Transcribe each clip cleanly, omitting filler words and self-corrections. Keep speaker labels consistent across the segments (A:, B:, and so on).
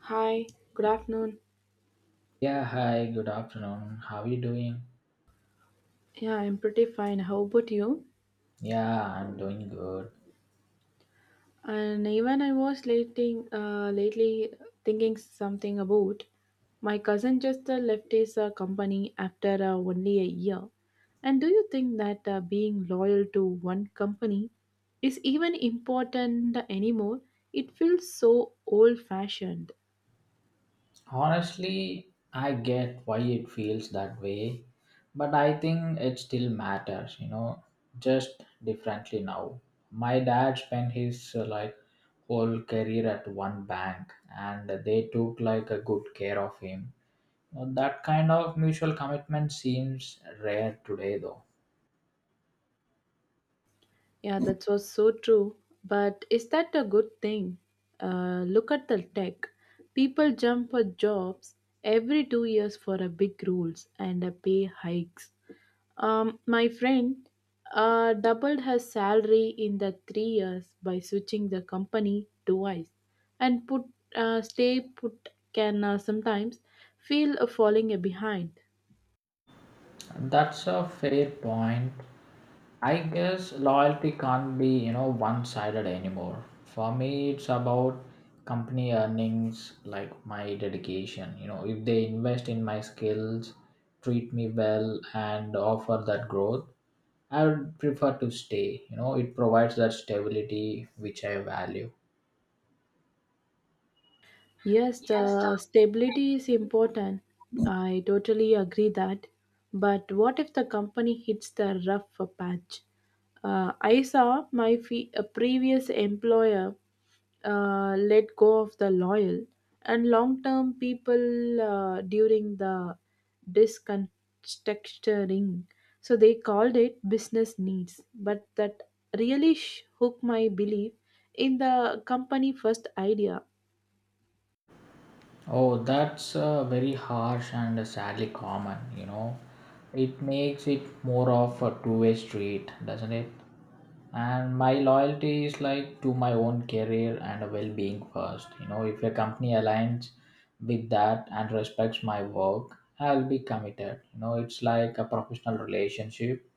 A: Hi, good afternoon.
B: Yeah, hi, good afternoon. How are you doing?
A: Yeah, I'm pretty fine. How about you?
B: Yeah, I'm doing good.
A: And even I was lately thinking something about my cousin just left his company after only a year. And do you think that being loyal to one company is even important anymore? It feels so old fashioned.
B: Honestly, I get why it feels that way, but I think it still matters, just differently now. My dad spent his like whole career at one bank and they took like a good care of him. Now, that kind of mutual commitment seems rare today though.
A: Yeah, that was so true. But is that a good thing? Look at the tech. People jump for jobs every 2 years for a big rules and a pay hikes. My friend doubled her salary in the 3 years by switching the company twice, and put stay put can sometimes feel a falling behind.
B: That's a fair point. I guess loyalty can't be, one-sided anymore. For me, it's about company earnings, like my dedication. If they invest in my skills, treat me well, and offer that growth, I would prefer to stay. It provides that stability which I value.
A: Yes, the stability is important. I totally agree that. But what if the company hits the rough patch? I saw a previous employer let go of the loyal and long-term people during the disconstructuring. So they called it business needs, but that really hooked my belief in the company first idea.
B: Oh, that's very harsh and sadly common. It makes it more of a two-way street, doesn't it? And my loyalty is like to my own career and well-being first. If a company aligns with that and respects my work, I'll be committed. It's like a professional relationship,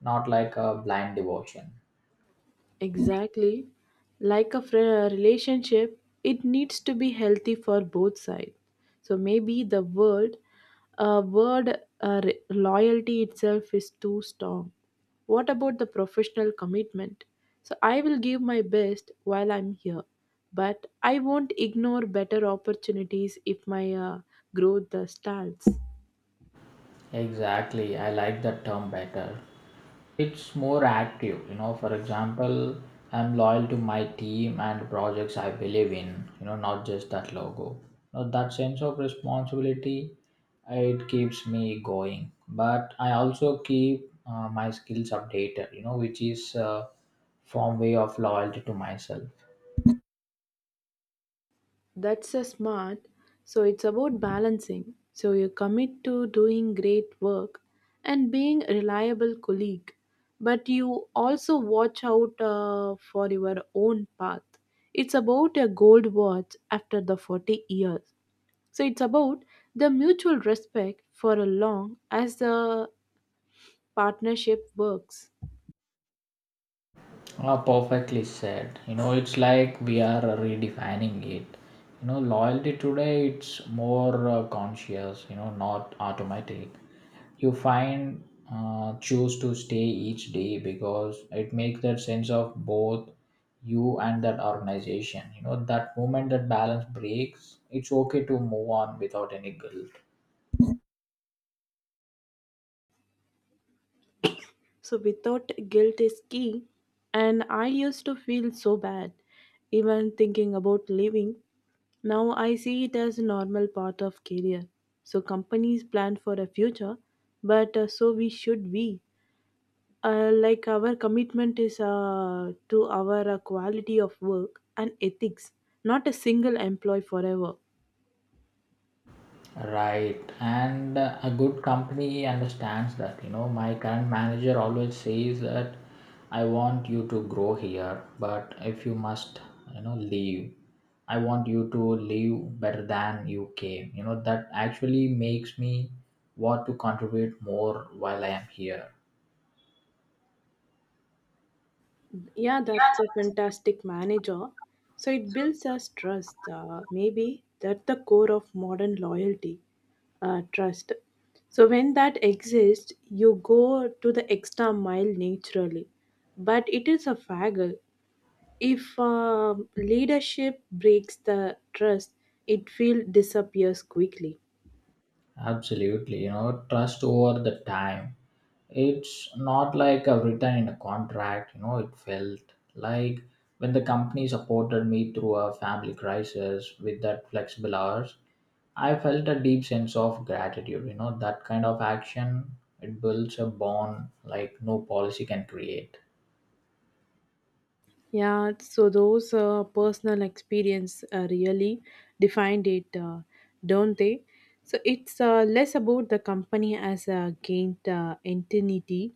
B: not like a blind devotion.
A: Exactly. Like a relationship, it needs to be healthy for both sides. So maybe the loyalty itself is too strong. What about the professional commitment? So I will give my best while I'm here, but I won't ignore better opportunities if my growth stalls.
B: Exactly, I like that term better. It's more active, for example, I'm loyal to my team and projects I believe in, not just that logo. Now that sense of responsibility, it keeps me going, but I also keep my skills updated, which is form way of loyalty to myself.
A: That's a smart. So it's about balancing. So you commit to doing great work and being a reliable colleague, but you also watch out for your own path. It's about a gold watch after the 40 years. So it's about the mutual respect for a long as the partnership works.
B: Ah, perfectly said. It's like we are redefining it. Loyalty today it's more conscious. Not automatic. You find choose to stay each day because it makes that sense of both you and that organization. You know that moment that balance breaks, it's okay to move on without any guilt.
A: So without guilt is key. And I used to feel so bad, even thinking about leaving. Now I see it as a normal part of career. So companies plan for a future, but so we should we. Like our commitment is to our quality of work and ethics, not a single employee forever.
B: Right, and a good company understands that. My current manager always says that I want you to grow here, but if you must, leave, I want you to leave better than you came. That actually makes me want to contribute more while I am here.
A: Yeah, that's a fantastic manager. So it builds us trust. Maybe that's the core of modern loyalty, trust. So when that exists, you go to the extra mile naturally. But it is a faggle. If leadership breaks the trust, it will disappears quickly.
B: Absolutely, trust over the time. It's not like I've written in a contract, it felt like when the company supported me through a family crisis with that flexible hours, I felt a deep sense of gratitude. That kind of action, it builds a bond like no policy can create.
A: Yeah, so those personal experience really defined it, don't they? So it's less about the company as a gained entity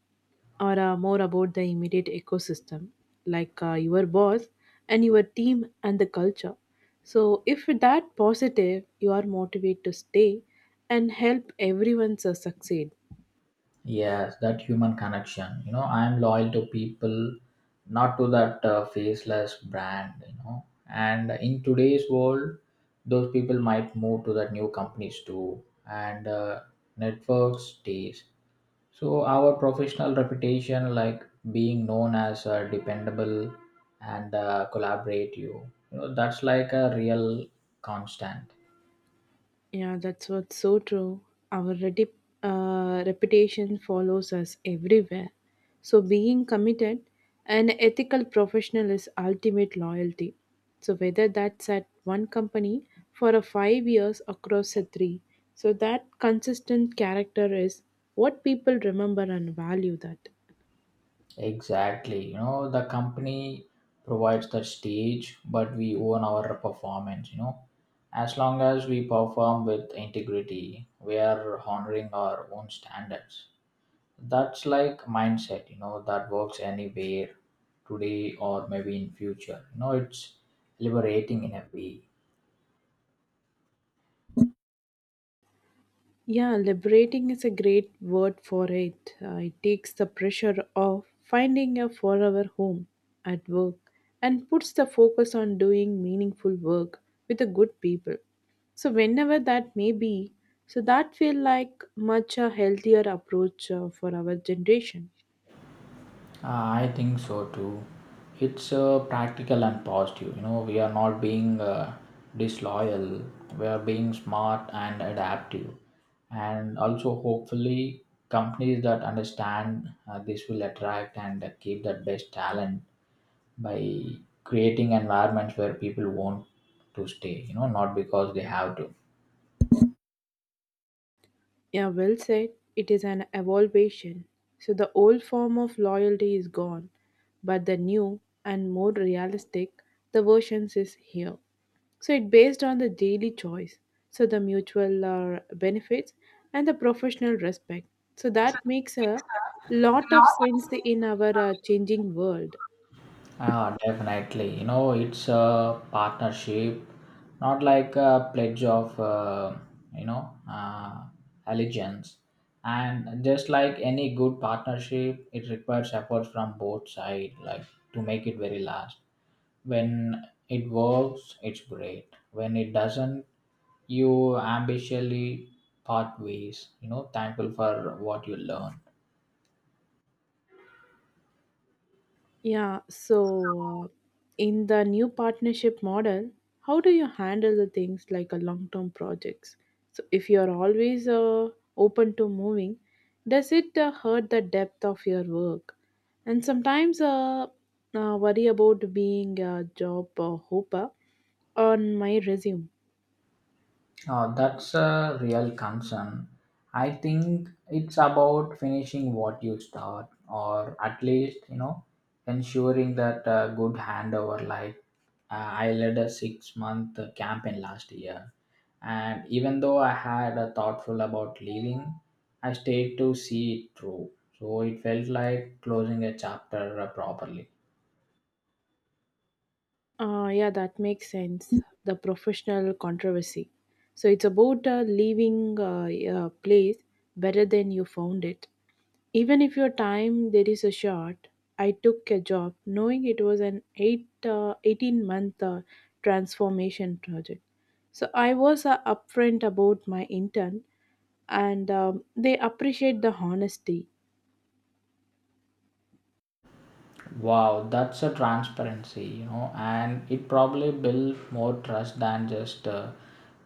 A: or more about the immediate ecosystem, like your boss and your team and the culture. So if that positive, you are motivated to stay and help everyone succeed.
B: Yes, that human connection. I am loyal to people, not to that faceless brand. And in today's world, those people might move to that new companies too, and networks stays. So our professional reputation, like being known as dependable and collaborative, that's like a real constant.
A: Yeah, that's what's so true. Our reputation follows us everywhere. So, being committed, an ethical professional is ultimate loyalty. So, whether that's at one company for a 5 years across a three, so that consistent character is what people remember and value that.
B: Exactly. The company provides the stage, but we own our performance. As long as we perform with integrity, we are honoring our own standards. That's like mindset, that works anywhere today or maybe in future. It's liberating in a way.
A: Yeah, liberating is a great word for it. It takes the pressure off finding a forever home at work and puts the focus on doing meaningful work with the good people. So whenever that may be, so that feel like much a healthier approach for our generation.
B: I think so too. It's practical and positive. We are not being disloyal. We are being smart and adaptive, and also hopefully companies that understand this will attract and keep that best talent by creating environments where people want to stay. Not because they have to.
A: Yeah, well said. It is an evolution. So the old form of loyalty is gone, but the new and more realistic the versions is here. So it based on the daily choice. So the mutual benefits and the professional respect. So that makes a lot of sense in our changing world.
B: Ah, definitely. It's a partnership, not like a pledge of, you know, uh, allegiance. And just like any good partnership, it requires effort from both sides, like to make it very last. When it works, it's great. When it doesn't, you ambitiously part ways. Thankful for what you learn.
A: Yeah, so in the new partnership model, how do you handle the things like a long-term projects? So if you're always open to moving, does it hurt the depth of your work? And sometimes worry about being a job hopper on my resume.
B: That's a real concern. I think it's about finishing what you start, or at least, ensuring that a good handover. Like, I led a 6-month campaign last year, and even though I had a thoughtful about leaving, I stayed to see it through. So it felt like closing a chapter properly.
A: Yeah, that makes sense. The professional controversy. So it's about leaving a place better than you found it. Even if your time there is a short, I took a job knowing it was an 18 month transformation project. So I was upfront about my intern and they appreciate the honesty.
B: Wow, that's a transparency, and it probably built more trust than just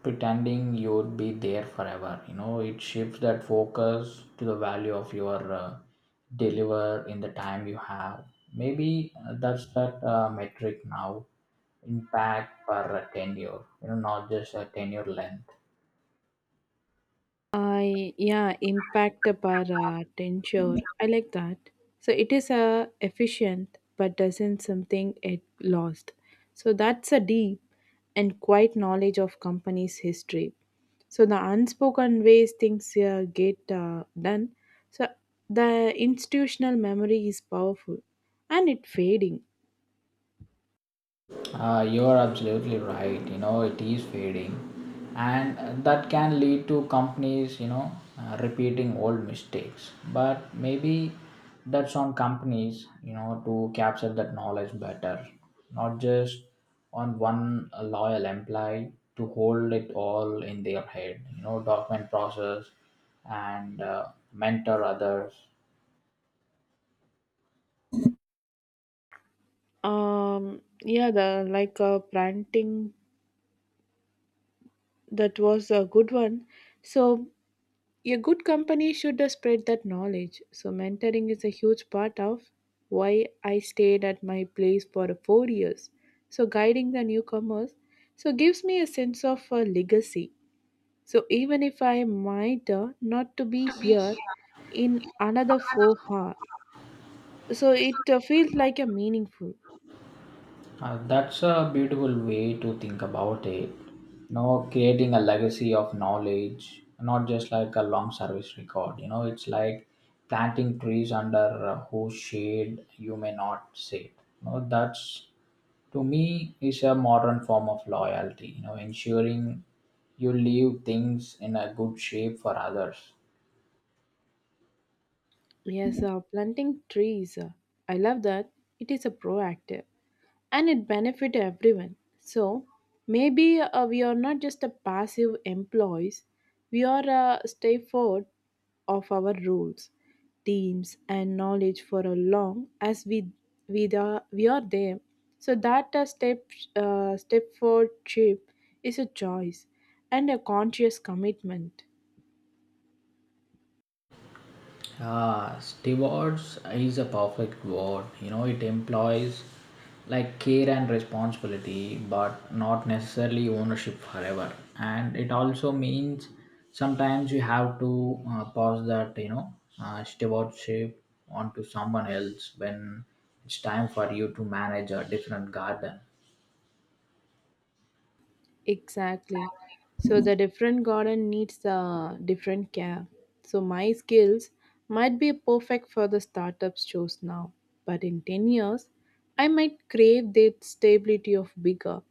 B: pretending you'd be there forever. It shifts that focus to the value of your deliver in the time you have. Maybe that's that metric now, impact per tenure, not just a tenure length.
A: I yeah, impact per tensure. I like that. So it is efficient, but doesn't something it lost. So that's a deep and quite knowledge of company's history. So the unspoken ways things get done. So the institutional memory is powerful, and it fading.
B: You're absolutely right. It is fading, and that can lead to companies, repeating old mistakes. But maybe that's on companies, to capture that knowledge better, not just on one loyal employee to hold it all in their head. Document process and mentor others.
A: Yeah, the like planting that was a good one. So a good company should spread that knowledge. So, mentoring is a huge part of why I stayed at my place for 4 years. So, guiding the newcomers so gives me a sense of a legacy. So, even if I might not to be here in another 4 hours, so it feels like a meaningful.
B: That's a beautiful way to think about it. Creating a legacy of knowledge, not just like a long service record. It's like planting trees under whose shade you may not sit. That's to me is a modern form of loyalty. Ensuring you leave things in a good shape for others.
A: Yes, planting trees. I love that. It is a proactive. And it benefit everyone, so maybe we are not just a passive employees, we are a stay forward of our rules, teams and knowledge for a long as we are there. So that a step, step forward trip is a choice and a conscious commitment.
B: Yeah, stewards is a perfect word. It employs like care and responsibility, but not necessarily ownership forever. And it also means sometimes you have to pass that, stewardship onto someone else when it's time for you to manage a different garden.
A: Exactly. So the different garden needs a different care. So my skills might be perfect for the startups chose now, but in 10 years, I might crave the stability of bigger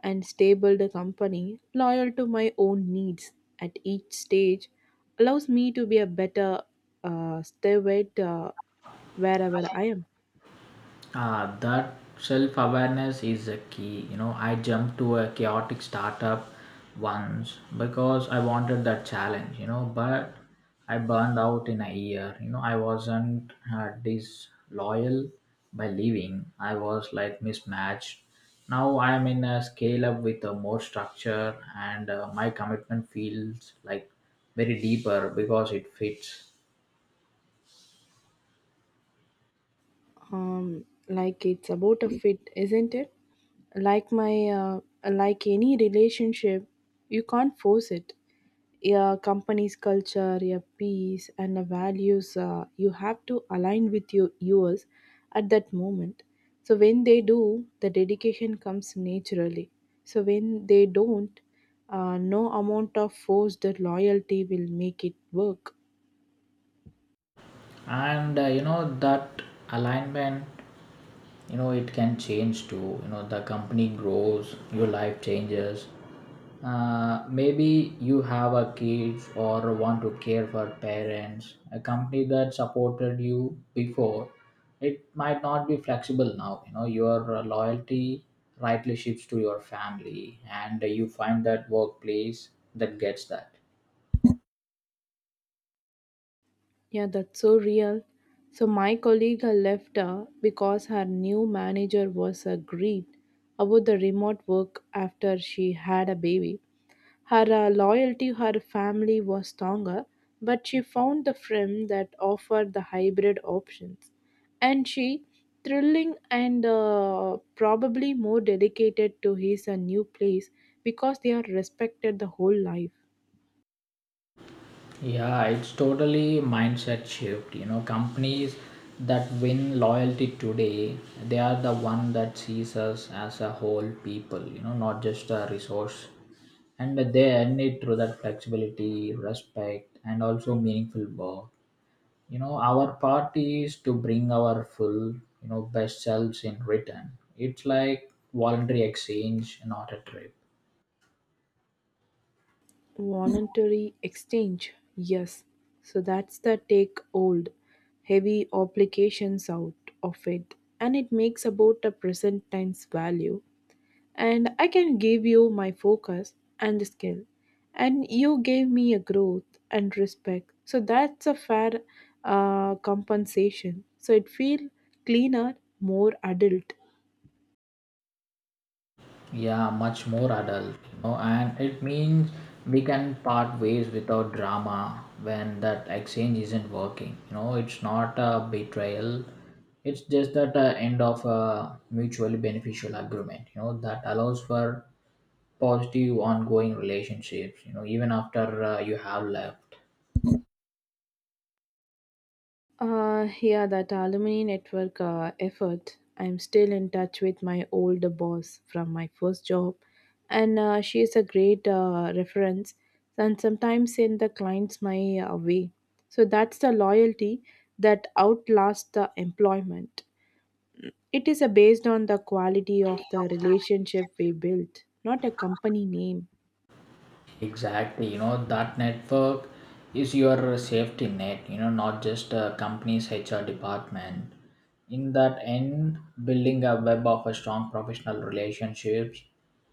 A: and stable the company loyal to my own needs at each stage allows me to be a better steward wherever I am.
B: Ah, that self awareness is a key. I jumped to a chaotic startup once because I wanted that challenge, but I burned out in a year. I wasn't disloyal by leaving, I was like mismatched. Now I am in a scale up with a more structure, and my commitment feels like very deeper because it fits.
A: Like it's about a fit, isn't it? Like my like any relationship, you can't force it. Your company's culture, your peace, and the values you have to align with your yours at that moment. So when they do, the dedication comes naturally. So when they don't, no amount of forced loyalty will make it work.
B: And that alignment, it can change too. The company grows, your life changes, maybe you have a kid or want to care for parents. A company that supported you before it might not be flexible now. Your loyalty rightly shifts to your family and you find that workplace that gets that.
A: Yeah, that's so real. So my colleague had left her because her new manager was agreed about the remote work after she had a baby. Her loyalty to her family was stronger, but she found the firm that offered the hybrid options. And she, thrilling and probably more dedicated to his new place because they are respected the whole life.
B: Yeah, it's totally mindset shift. Companies that win loyalty today, they are the one that sees us as a whole people, not just a resource. And they earn it through that flexibility, respect, and also meaningful work. Our part is to bring our full, best selves in return. It's like voluntary exchange, not a trip.
A: Voluntary exchange, yes. So that's the take old, heavy obligations out of it, and it makes about the present time's value. And I can give you my focus and skill, and you gave me a growth and respect. So that's a fair compensation. So it feel cleaner, more adult.
B: Yeah, much more adult, and it means we can part ways without drama when that exchange isn't working. It's not a betrayal. It's just that end of a mutually beneficial agreement. That allows for positive ongoing relationships. Even after you have left.
A: Yeah, that alumni network effort. I'm still in touch with my old boss from my first job, and she is a great reference and sometimes send the clients my way. So that's the loyalty that outlasts the employment. It is based on the quality of the relationship we built, not a company name.
B: Exactly, that network is your safety net, not just a company's HR department. In that end, building a web of a strong professional relationships,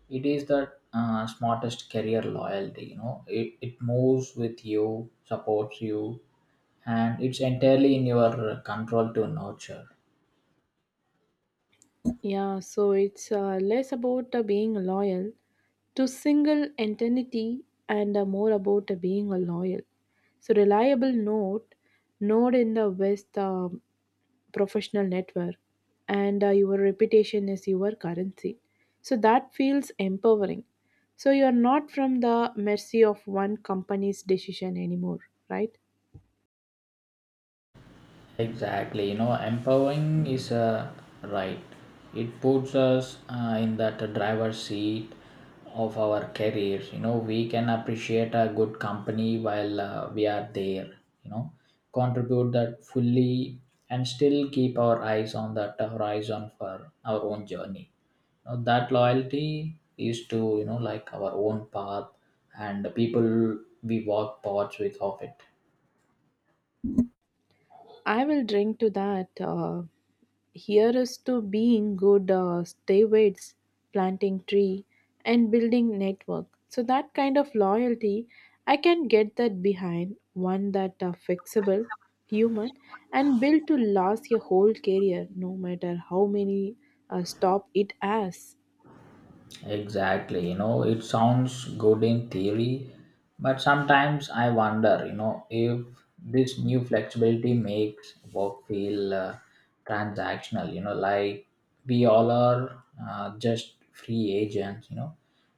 B: it is the smartest career loyalty, it moves with you, supports you, and it's entirely in your control to nurture.
A: Yeah, so it's less about being loyal to single entity and more about being a loyal. So reliable node, in the West professional network, and your reputation is your currency. So that feels empowering. So you are not from the mercy of one company's decision anymore, right?
B: Exactly, empowering is a right. It puts us in that driver's seat of our careers. We can appreciate a good company while we are there. You know, contribute that fully and still keep our eyes on that horizon for our own journey. Now, that loyalty is to like our own path and the people we walk paths with of it.
A: I will drink to that. Here's to being good stewards, planting tree, and building network. So that kind of loyalty, I can get that behind one that are flexible, human, and built to last your whole career, no matter how many stop it as.
B: Exactly. It sounds good in theory, but sometimes I wonder, if this new flexibility makes work feel transactional, like we all are just free agents,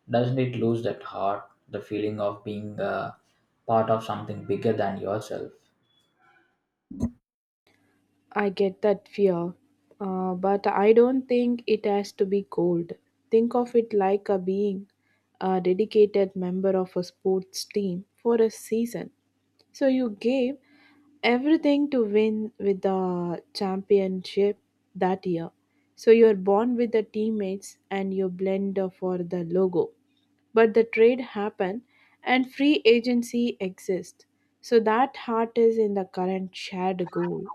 B: doesn't it lose that heart, the feeling of being part of something bigger than yourself?
A: I get that fear, but I don't think it has to be cold. Think of it like a being a dedicated member of a sports team for a season. So you gave everything to win with the championship that year. So you're born with the teammates and you blend for the logo. But the trade happened and free agency exists. So that heart is in the current shared goal.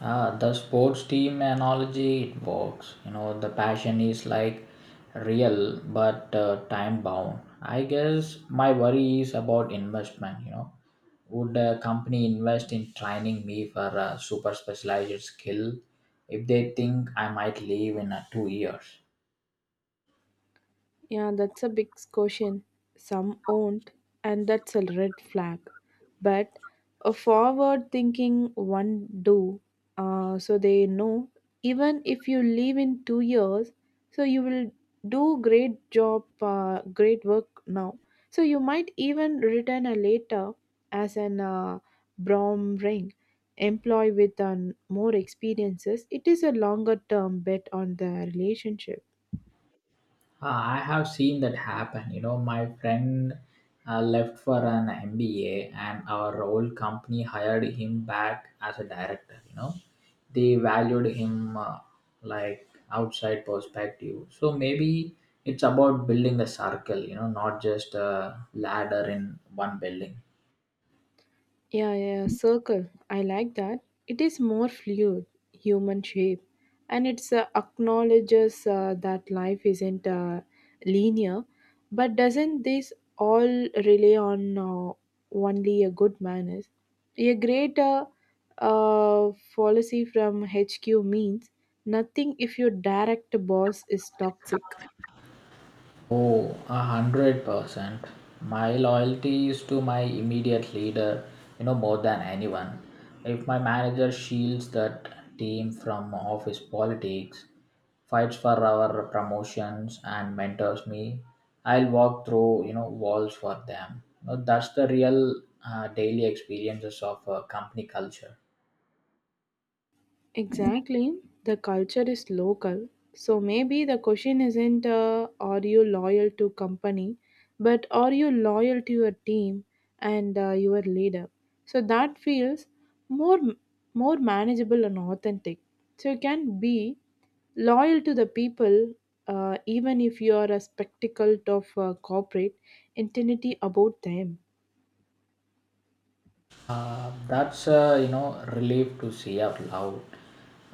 B: Ah, the sports team analogy it works. The passion is like real but time bound. I guess my worry is about investment. Would a company invest in training me for a super specialized skill if they think I might leave in 2 years?
A: Yeah, that's a big question. Some won't, and that's a red flag. But a forward thinking one do, so they know even if you leave in 2 years, so you will do great job, great work now. So you might even return a later as an Brom ring employee with more experiences. It is a longer term bet on the relationship.
B: I have seen that happen. My friend left for an MBA, and our old company hired him back as a director. They valued him like outside perspective. So maybe it's about building the circle. Not just a ladder in one building.
A: Yeah, yeah, circle. I like that. It is more fluid, human shape, and it's acknowledges that life isn't linear. But doesn't this all rely on only a good manners? A great policy from HQ means nothing if your direct boss is toxic.
B: Oh, 100%. My loyalty is to my immediate leader, more than anyone. If my manager shields that team from office politics, fights for our promotions, and mentors me, I'll walk through, walls for them. That's the real daily experiences of company culture.
A: Exactly. The culture is local. So maybe the question isn't are you loyal to company, but are you loyal to your team and your leader? So that feels more more manageable and authentic. So you can be loyal to the people even if you are a spectacle of corporate intensity about them.
B: That's relief to say out loud.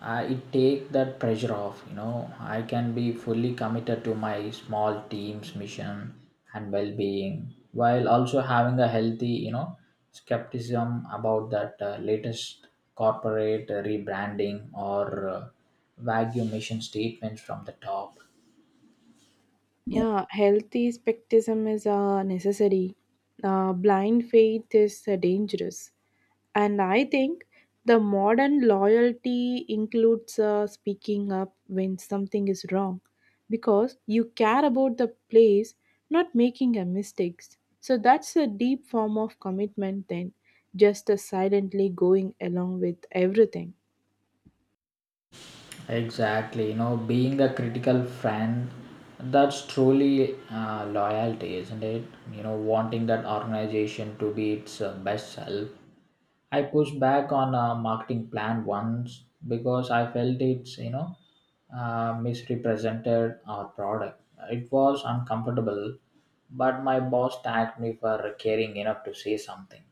B: It take that pressure off. I can be fully committed to my small team's mission and well-being while also having a healthy skepticism about that latest corporate rebranding or vague mission statements from the top.
A: Yeah, healthy skepticism is necessary. Blind faith is dangerous. And I think the modern loyalty includes speaking up when something is wrong because you care about the place, not making a mistakes. So that's a deep form of commitment then, just silently going along with everything.
B: Exactly, being a critical friend, that's truly loyalty, isn't it? Wanting that organization to be its best self. I pushed back on a marketing plan once because I felt it's, misrepresented our product. It was uncomfortable, but my boss tagged me for caring enough to say something.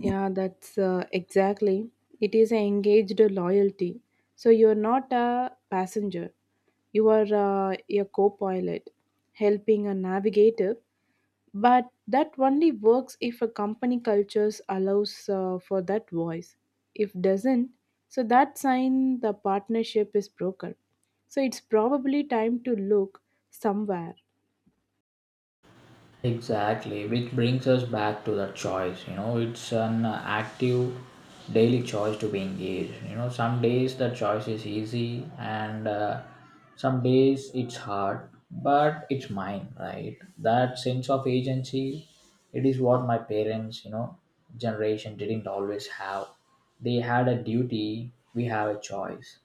A: Yeah, that's exactly. It is an engaged loyalty. So you're not a passenger. You are a co-pilot, helping a navigator. But that only works if a company cultures allows for that voice. If doesn't, so that sign the partnership is broken. So it's probably time to look somewhere.
B: Exactly, which brings us back to the choice. It's an active daily choice to be engaged. Some days the choice is easy, and some days it's hard, but it's mine, right? That sense of agency, it is what my parents, generation didn't always have. They had a duty, we have a choice.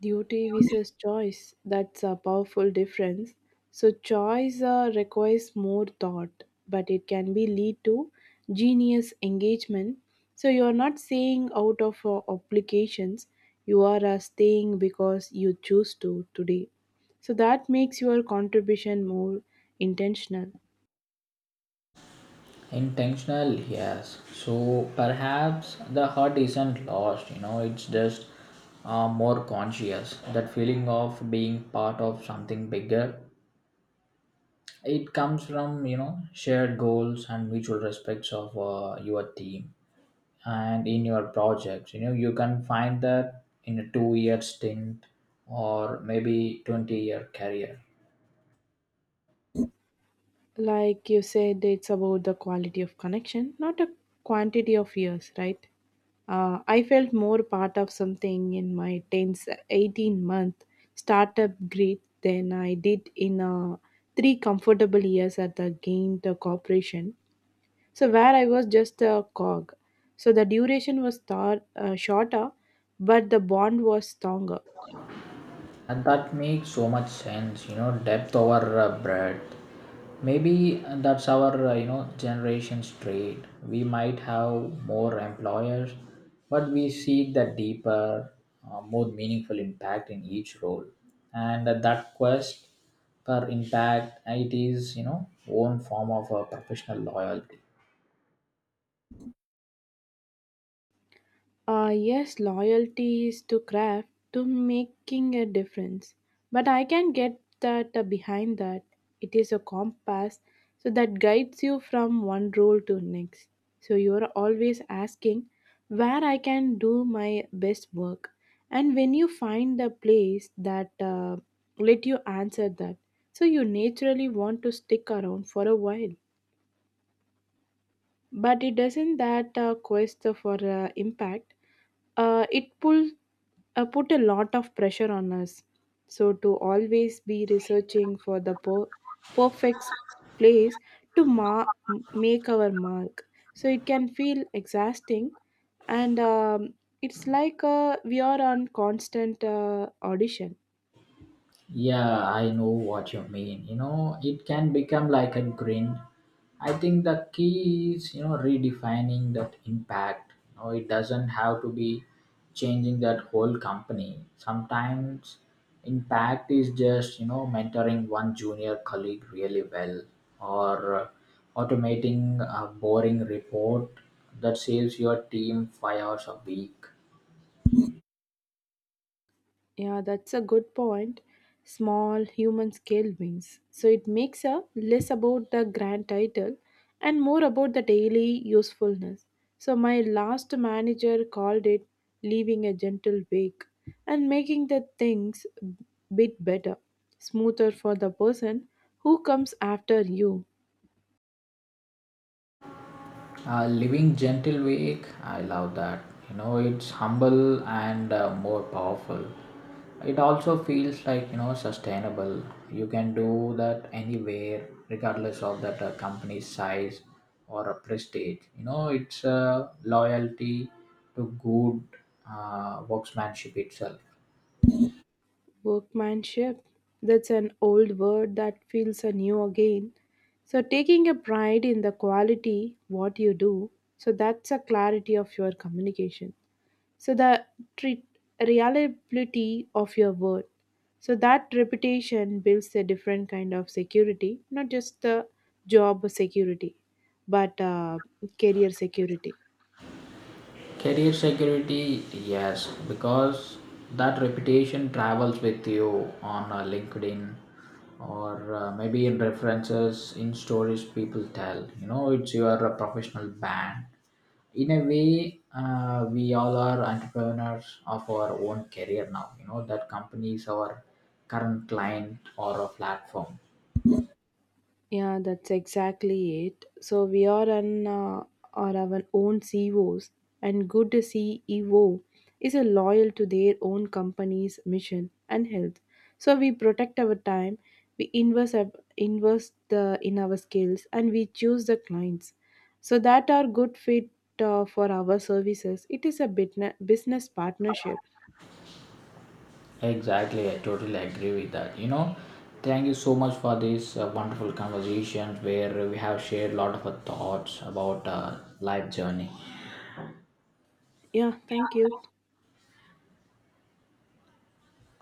A: Duty versus choice, that's a powerful difference. So choice requires more thought, but it can be lead to genius engagement. So you are not saying out of obligations, you are staying because you choose to today, so that makes your contribution more intentional.
B: Intentional, yes. So perhaps the hurt isn't lost, it's just more conscious. That feeling of being part of something bigger, it comes from, shared goals and mutual respects of your team and in your projects. You can find that in a 2-year stint or maybe 20-year career.
A: Like you said, it's about the quality of connection, not a quantity of years, right? I felt more part of something in my 10th, 18-month startup grit than I did in three comfortable years at the gained corporation. So, where I was just a cog. So, the duration was thought, shorter, but the bond was stronger.
B: And that makes so much sense, depth over breadth. Maybe that's our generation's trait. We might have more employers, but we seek the deeper, more meaningful impact in each role, and that quest for impact, it is one form of a professional loyalty.
A: Yes, loyalty is to craft, to making a difference. But I can get that behind that. It is a compass, so that guides you from one role to next. So you are always asking where I can do my best work. And when you find a place that let you answer that, so you naturally want to stick around for a while. But it doesn't that quest for impact it pulls put a lot of pressure on us. So, to always be researching for the perfect place to make our mark. So, it can feel exhausting, and it's like we are on constant audition.
B: Yeah, I know what you mean. It can become like a grin. I think the key is, redefining that impact. It doesn't have to be changing that whole company. Sometimes impact is just, mentoring one junior colleague really well or automating a boring report that saves your team 5 hours a week.
A: Yeah, that's a good point. Small human scale wins. So it makes a less about the grand title and more about the daily usefulness. So my last manager called it leaving a gentle wake and making the things bit better, smoother for the person who comes after you.
B: Living gentle week, I love that. It's humble and more powerful. It also feels like sustainable. You can do that anywhere, regardless of that company's size or a prestige. It's loyalty to good worksmanship itself.
A: Workmanship. That's an old word that feels anew again. So, taking a pride in the quality what you do, so that's a clarity of your communication. So, the treat, reliability of your word. So, that reputation builds a different kind of security, not just the job security, but career security.
B: Career security, yes, because that reputation travels with you on LinkedIn or maybe in references, in stories people tell. It's your professional band. In a way, we all are entrepreneurs of our own career now. That company is our current client or a platform.
A: Yeah, that's exactly it. So we are an are our own CEOs, and good CEO is a loyal to their own company's mission and health. So we protect our time, we invest the in our skills, and we choose the clients so that are good fit for our services. It is a business partnership.
B: Exactly, I totally agree with that. Thank you so much for this wonderful conversation where we have shared a lot of our thoughts about life journey.
A: Yeah, thank you.